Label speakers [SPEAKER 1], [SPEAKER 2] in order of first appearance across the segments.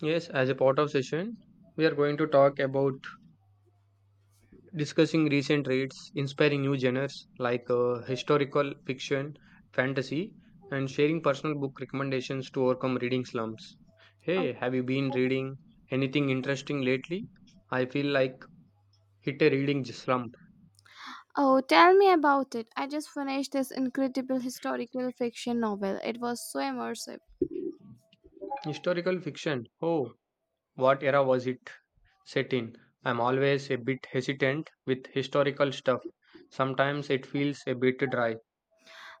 [SPEAKER 1] Yes, as a part of session, we are going to talk about discussing recent reads, inspiring new genres like historical fiction, fantasy, and sharing personal book recommendations to overcome reading slumps.
[SPEAKER 2] Oh,
[SPEAKER 1] Hey, have you been reading anything interesting lately? I feel like hit a reading slump.
[SPEAKER 2] oh, tell me about it. I just finished this incredible historical fiction novel. It was so immersive.
[SPEAKER 1] Historical fiction. Oh, what era was it set in? I'm always a bit hesitant with historical stuff. Sometimes it feels a bit dry.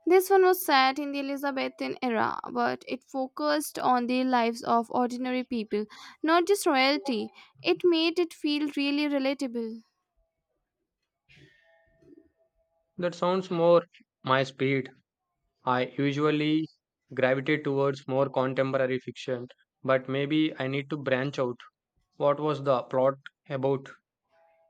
[SPEAKER 2] This one was set in the Elizabethan era, but it focused on the lives of ordinary people, not just royalty. It made it feel really relatable.
[SPEAKER 1] That sounds more my speed. I usually gravitate towards more contemporary fiction, but maybe I need to branch out. What was the plot about?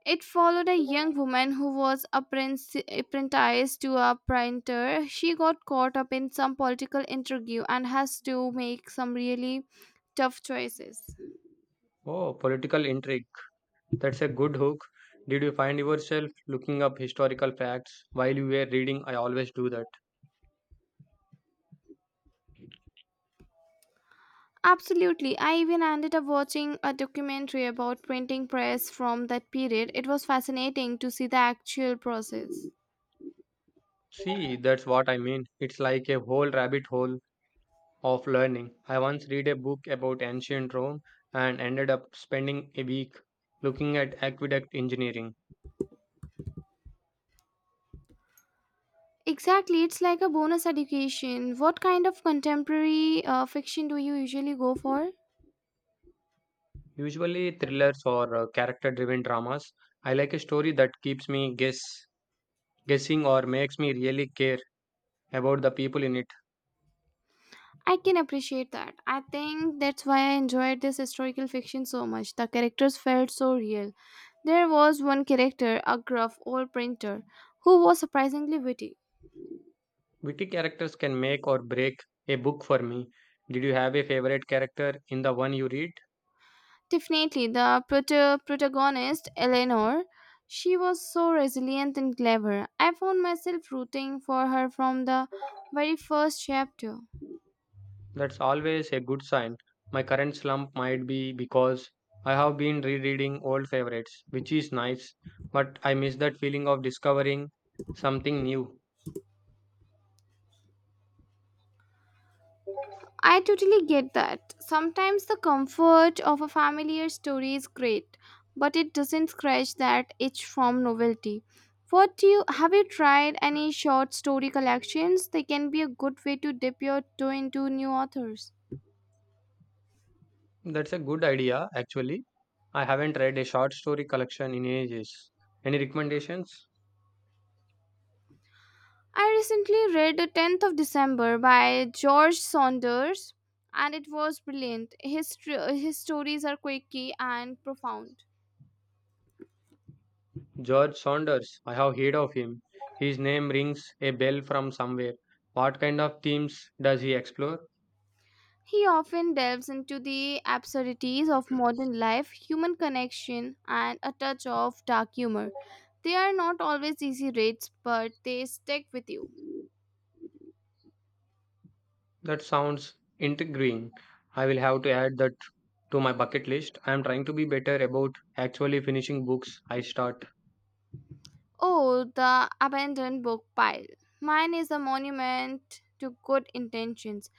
[SPEAKER 2] It followed a young woman who was apprenticed to a printer. She got caught up in some political intrigue and has to make some really tough choices.
[SPEAKER 1] Oh, political intrigue. That's a good hook. Did you find yourself looking up historical facts while you were reading? I always do that.
[SPEAKER 2] Absolutely. I even ended up watching a documentary about printing press from that period. It was fascinating to see the actual process.
[SPEAKER 1] See, that's what I mean. It's like a whole rabbit hole of learning. I once read a book about ancient Rome and ended up spending a week looking at aqueduct engineering.
[SPEAKER 2] Exactly. It's like a bonus education. What kind of contemporary fiction do you usually go for?
[SPEAKER 1] Usually thrillers or character-driven dramas. I like a story that keeps me guessing or makes me really care about the people in it.
[SPEAKER 2] I can appreciate that. I think that's why I enjoyed this historical fiction so much. The characters felt so real. There was one character, a gruff old printer, who was surprisingly witty.
[SPEAKER 1] Witty characters can make or break a book for me. Did you have a favorite character in the one you read?
[SPEAKER 2] Definitely, the protagonist, Eleanor, she was so resilient and clever. I found myself rooting for her from the very first chapter.
[SPEAKER 1] That's always a good sign. My current slump might be because I have been rereading old favorites, which is nice, but I miss that feeling of discovering something new.
[SPEAKER 2] I totally get that. Sometimes the comfort of a familiar story is great, but it doesn't scratch that itch from novelty. What do you have you tried any short story collections? They can be a good way to dip your toe into new authors.
[SPEAKER 1] That's a good idea, actually. I haven't read a short story collection in ages. Any recommendations?
[SPEAKER 2] I recently read The 10th of December by George Saunders and it was brilliant. His stories are quirky and profound.
[SPEAKER 1] George Saunders. I have heard of him. His name rings a bell from somewhere. What kind of themes does he explore?
[SPEAKER 2] He often delves into the absurdities of modern life, human connection, and a touch of dark humor. They are not always easy reads, but they stick with you.
[SPEAKER 1] That sounds intriguing. I will have to add that to my bucket list. I am trying to be better about actually finishing books I start.
[SPEAKER 2] Oh, the abandoned book pile. Mine is a monument to good intentions.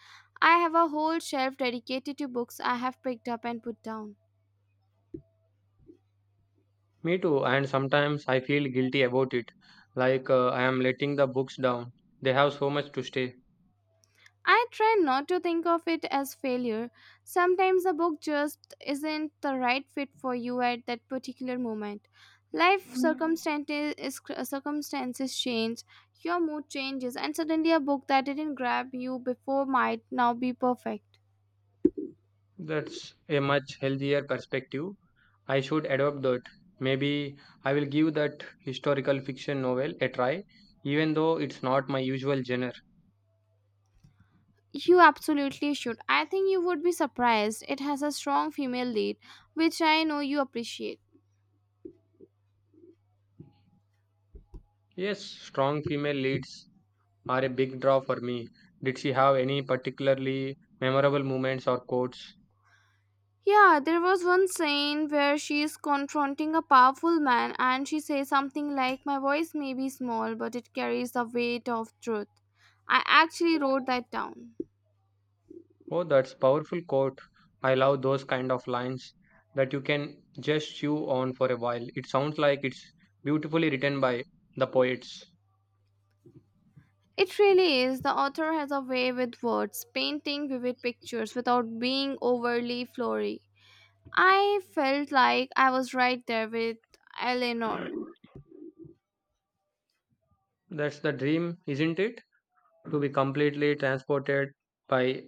[SPEAKER 2] I have a whole shelf dedicated to books I have picked up and put down.
[SPEAKER 1] Me too, and sometimes I feel guilty about it, like I am letting the books down. They have so much to stay.
[SPEAKER 2] I try not to think of it as failure. Sometimes a book just isn't the right fit for you at that particular moment. Life circumstances change, your mood changes, and suddenly a book that didn't grab you before might now be perfect.
[SPEAKER 1] That's a much healthier perspective. I should adopt that. Maybe I will give that historical fiction novel a try, even though it's not my usual genre.
[SPEAKER 2] You absolutely should. I think you would be surprised. It has a strong female lead, which I know you appreciate.
[SPEAKER 1] Yes, strong female leads are a big draw for me. Did she have any particularly memorable moments or quotes?
[SPEAKER 2] Yeah, there was one scene where she is confronting a powerful man and she says something like, "My voice may be small, but it carries the weight of truth." I actually wrote that down.
[SPEAKER 1] Oh, that's powerful quote. I love those kind of lines that you can just chew on for a while. It sounds like it's beautifully written by the poets.
[SPEAKER 2] It really is. The author has a way with words, painting vivid pictures without being overly flowery. I felt like I was right there with Eleanor.
[SPEAKER 1] That's the dream, isn't it? To be completely transported by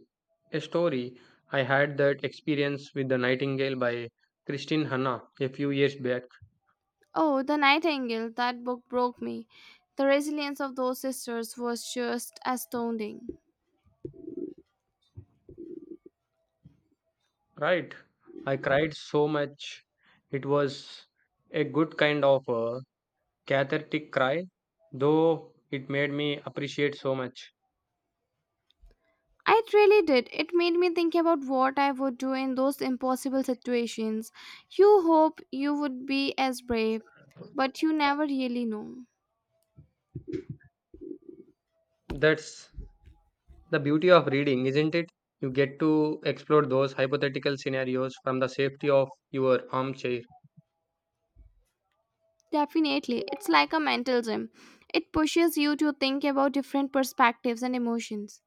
[SPEAKER 1] a story. I had that experience with The Nightingale by Christine Hanna a few years back.
[SPEAKER 2] Oh, The Nightingale, that book broke me. The resilience of those sisters was just astounding.
[SPEAKER 1] Right. I cried so much. It was a good kind of a cathartic cry, though it made me appreciate so much.
[SPEAKER 2] It really did. It made me think about what I would do in those impossible situations. You hope you would be as brave, but you never really know.
[SPEAKER 1] That's the beauty of reading, isn't it? You get to explore those hypothetical scenarios from the safety of your armchair.
[SPEAKER 2] Definitely, it's like a mental gym. It pushes you to think about different perspectives and emotions.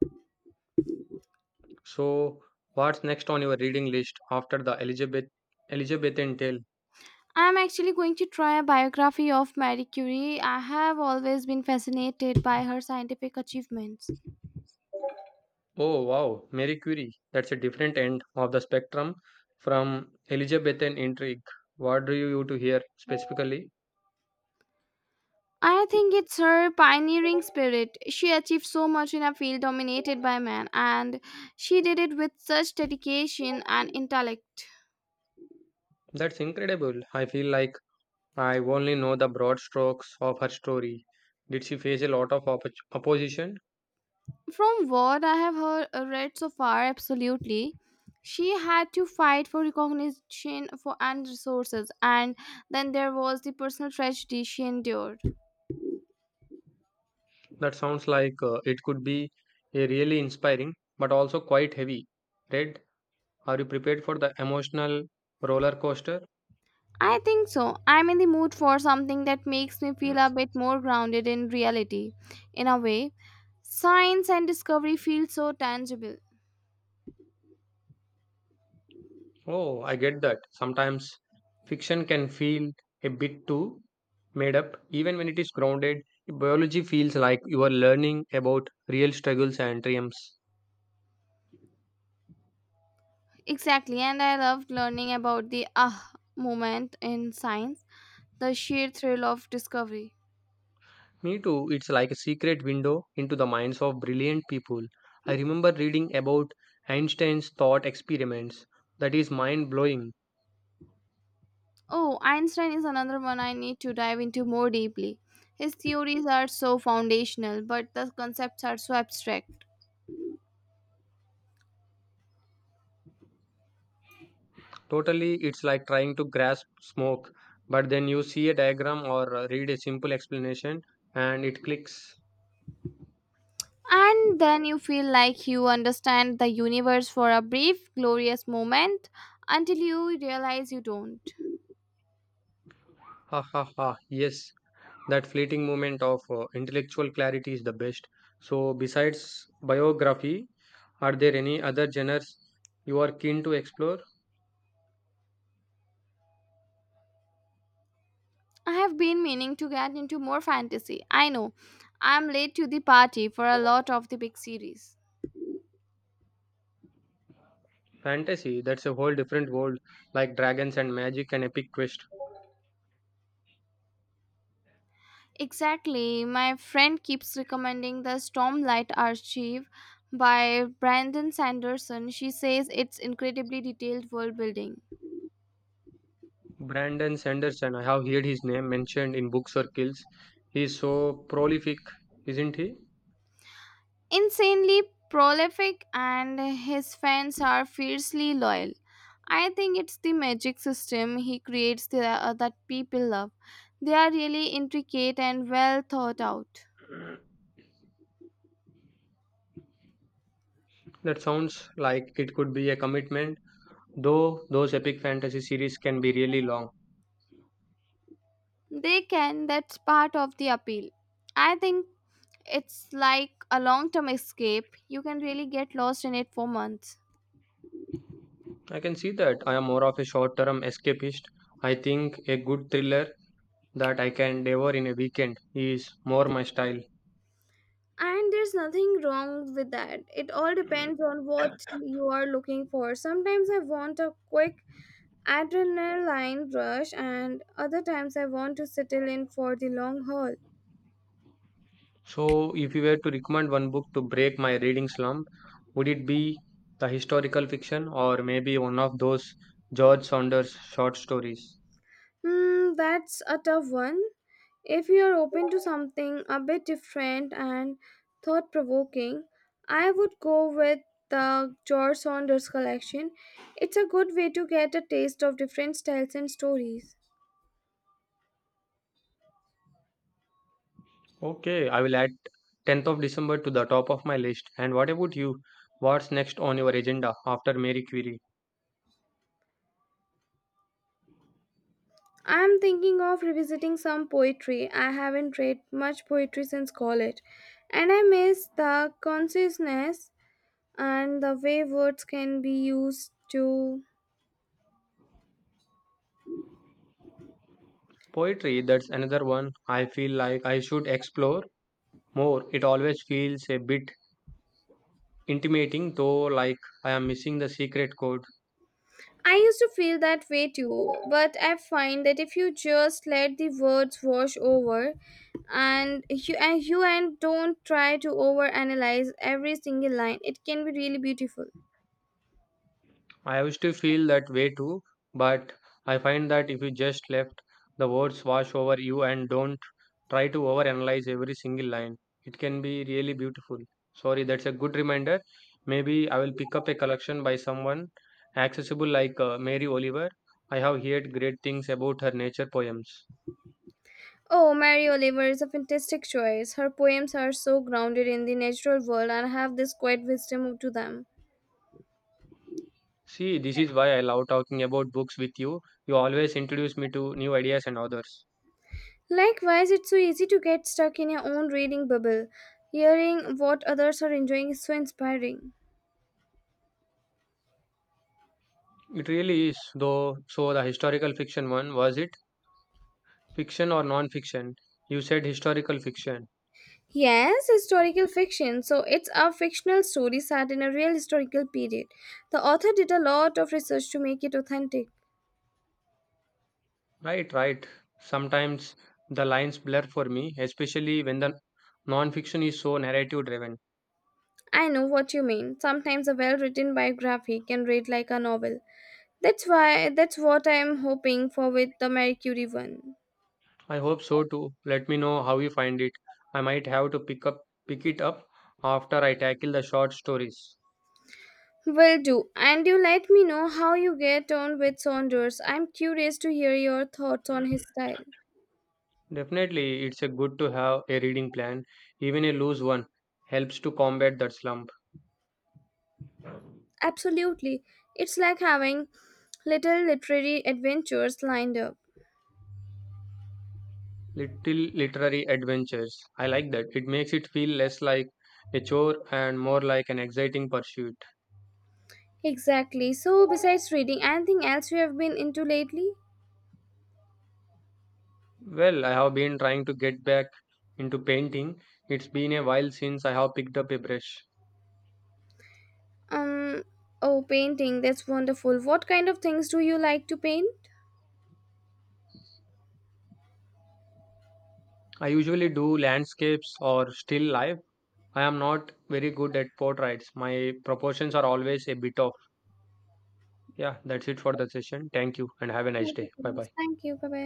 [SPEAKER 1] So, what's next on your reading list after the Elizabethan tale?
[SPEAKER 2] I'm actually going to try a biography of Marie Curie. I have always been fascinated by her scientific achievements.
[SPEAKER 1] Oh wow, Mary Curie. That's a different end of the spectrum from Elizabethan intrigue. What do you to hear specifically?
[SPEAKER 2] I think it's her pioneering spirit. She achieved so much in a field dominated by men, and she did it with such dedication and intellect.
[SPEAKER 1] That's incredible. I feel like I only know the broad strokes of her story. Did she face a lot of opposition?
[SPEAKER 2] From what I have heard, read so far, absolutely. She had to fight for recognition for and resources, and then there was the personal tragedy she endured.
[SPEAKER 1] That sounds like it could be a really inspiring, but also quite heavy. Read? Are you prepared for the emotional roller coaster?
[SPEAKER 2] I think so. I'm in the mood for something that makes me feel a bit more grounded in reality, in a way. Science and discovery feel so tangible.
[SPEAKER 1] Oh, I get that. Sometimes fiction can feel a bit too made up, even when it is grounded. Biology feels like you are learning about real struggles and triumphs.
[SPEAKER 2] Exactly, and I loved learning about the ah moment in science, the sheer thrill of discovery.
[SPEAKER 1] Me too, it's like a secret window into the minds of brilliant people. I remember reading about Einstein's thought experiments. That is mind blowing.
[SPEAKER 2] Oh, Einstein is another one I need to dive into more deeply. His theories are so foundational, but the concepts are so abstract.
[SPEAKER 1] Totally, it's like trying to grasp smoke, but then you see a diagram or read a simple explanation and it clicks.
[SPEAKER 2] And then you feel like you understand the universe for a brief, glorious moment until you realize you don't.
[SPEAKER 1] Ha ha ha, yes. That fleeting moment of intellectual clarity is the best. So besides biography, are there any other genres you are keen to explore?
[SPEAKER 2] I have been meaning to get into more fantasy. I know I'm late to the party for a lot of the big series.
[SPEAKER 1] Fantasy, that's a whole different world, like dragons and magic and epic quest.
[SPEAKER 2] Exactly. My friend keeps recommending the Stormlight Archive by Brandon Sanderson. She says it's incredibly detailed world building,
[SPEAKER 1] Brandon Sanderson, I have heard his name mentioned in book circles. He's so prolific, isn't he?
[SPEAKER 2] insanely prolific, and his fans are fiercely loyal. I think it's the magic system he creates that people love. They are really intricate and well thought out.
[SPEAKER 1] That sounds like it could be a commitment, though. Those epic fantasy series can be really long.
[SPEAKER 2] They can, that's part of the appeal. I think it's like a long term escape. You can really get lost in it for months.
[SPEAKER 1] I can see that. I am more of a short term escapist. I think a good thriller that I can devour in a weekend is more my style.
[SPEAKER 2] And there's nothing wrong with that. It all depends on what you are looking for. Sometimes I want a quick adrenaline rush, and other times I want to settle in for the long haul.
[SPEAKER 1] So, if you were to recommend one book to break my reading slump, would it be the historical fiction or maybe one of those George Saunders short stories?
[SPEAKER 2] Hmm, that's a tough one. If you are open to something a bit different and thought provoking, I would go with the George Saunders collection. It's a good way to get a taste of different styles and stories.
[SPEAKER 1] Okay, I will add 10th of December to the top of my list. And what about you? What's next on your agenda after Mary Curie?
[SPEAKER 2] I am thinking of revisiting some poetry. I haven't read much poetry since college, and I miss the consciousness and the way words can be used to.
[SPEAKER 1] Poetry, that's another one I feel like I should explore more. It always feels a bit intimating, though, like I am missing the secret code.
[SPEAKER 2] I used to feel that way too, but I find that if you just let the words wash over and you and you and don't try to overanalyze every single line, it can be really beautiful.
[SPEAKER 1] I used to feel that way too, but I find that if you just left the words wash over you and don't try to overanalyze every single line, it can be really beautiful. Sorry, that's a good reminder. Maybe I will pick up a collection by someone accessible like Mary Oliver. I have heard great things about her nature poems.
[SPEAKER 2] Oh, Mary Oliver is a fantastic choice. Her poems are so grounded in the natural world and have this quiet wisdom to them.
[SPEAKER 1] See, this is why I love talking about books with you. You always introduce me to new ideas and authors.
[SPEAKER 2] Likewise, it's so easy to get stuck in your own reading bubble. Hearing what others are enjoying is so inspiring.
[SPEAKER 1] It really is, though. So, the historical fiction one was it? Fiction or non-fiction? You said historical fiction.
[SPEAKER 2] Yes, historical fiction. So it's a fictional story set in a real historical period. The author did a lot of research to make it authentic.
[SPEAKER 1] Right, right. Sometimes the lines blur for me, especially when the non-fiction is so narrative driven.
[SPEAKER 2] I know what you mean. Sometimes a well-written biography can read like a novel. That's what I'm hoping for with the Marie Curie one.
[SPEAKER 1] I hope so too. Let me know how you find it. I might have to pick it up after I tackle the short stories.
[SPEAKER 2] Will do. And you let me know how you get on with Saunders. I'm curious to hear your thoughts on his style.
[SPEAKER 1] Definitely, it's a good to have a reading plan. Even a loose one helps to combat that slump.
[SPEAKER 2] Absolutely. It's like having little literary adventures lined up.
[SPEAKER 1] Little literary adventures. I like that. It makes it feel less like a chore and more like an exciting pursuit.
[SPEAKER 2] Exactly. So, besides reading, anything else you have been into lately?
[SPEAKER 1] Well, I have been trying to get back into painting. It's been a while since I have picked up a brush.
[SPEAKER 2] Um, oh, painting. That's wonderful. What kind of things do you like to paint?
[SPEAKER 1] I usually do landscapes or still life. I am not very good at portraits. My proportions are always a bit off. Yeah, that's it for the session. Thank you and have a nice
[SPEAKER 2] Thank you
[SPEAKER 1] day.
[SPEAKER 2] so
[SPEAKER 1] Bye
[SPEAKER 2] much.
[SPEAKER 1] bye.
[SPEAKER 2] Thank you. Bye bye.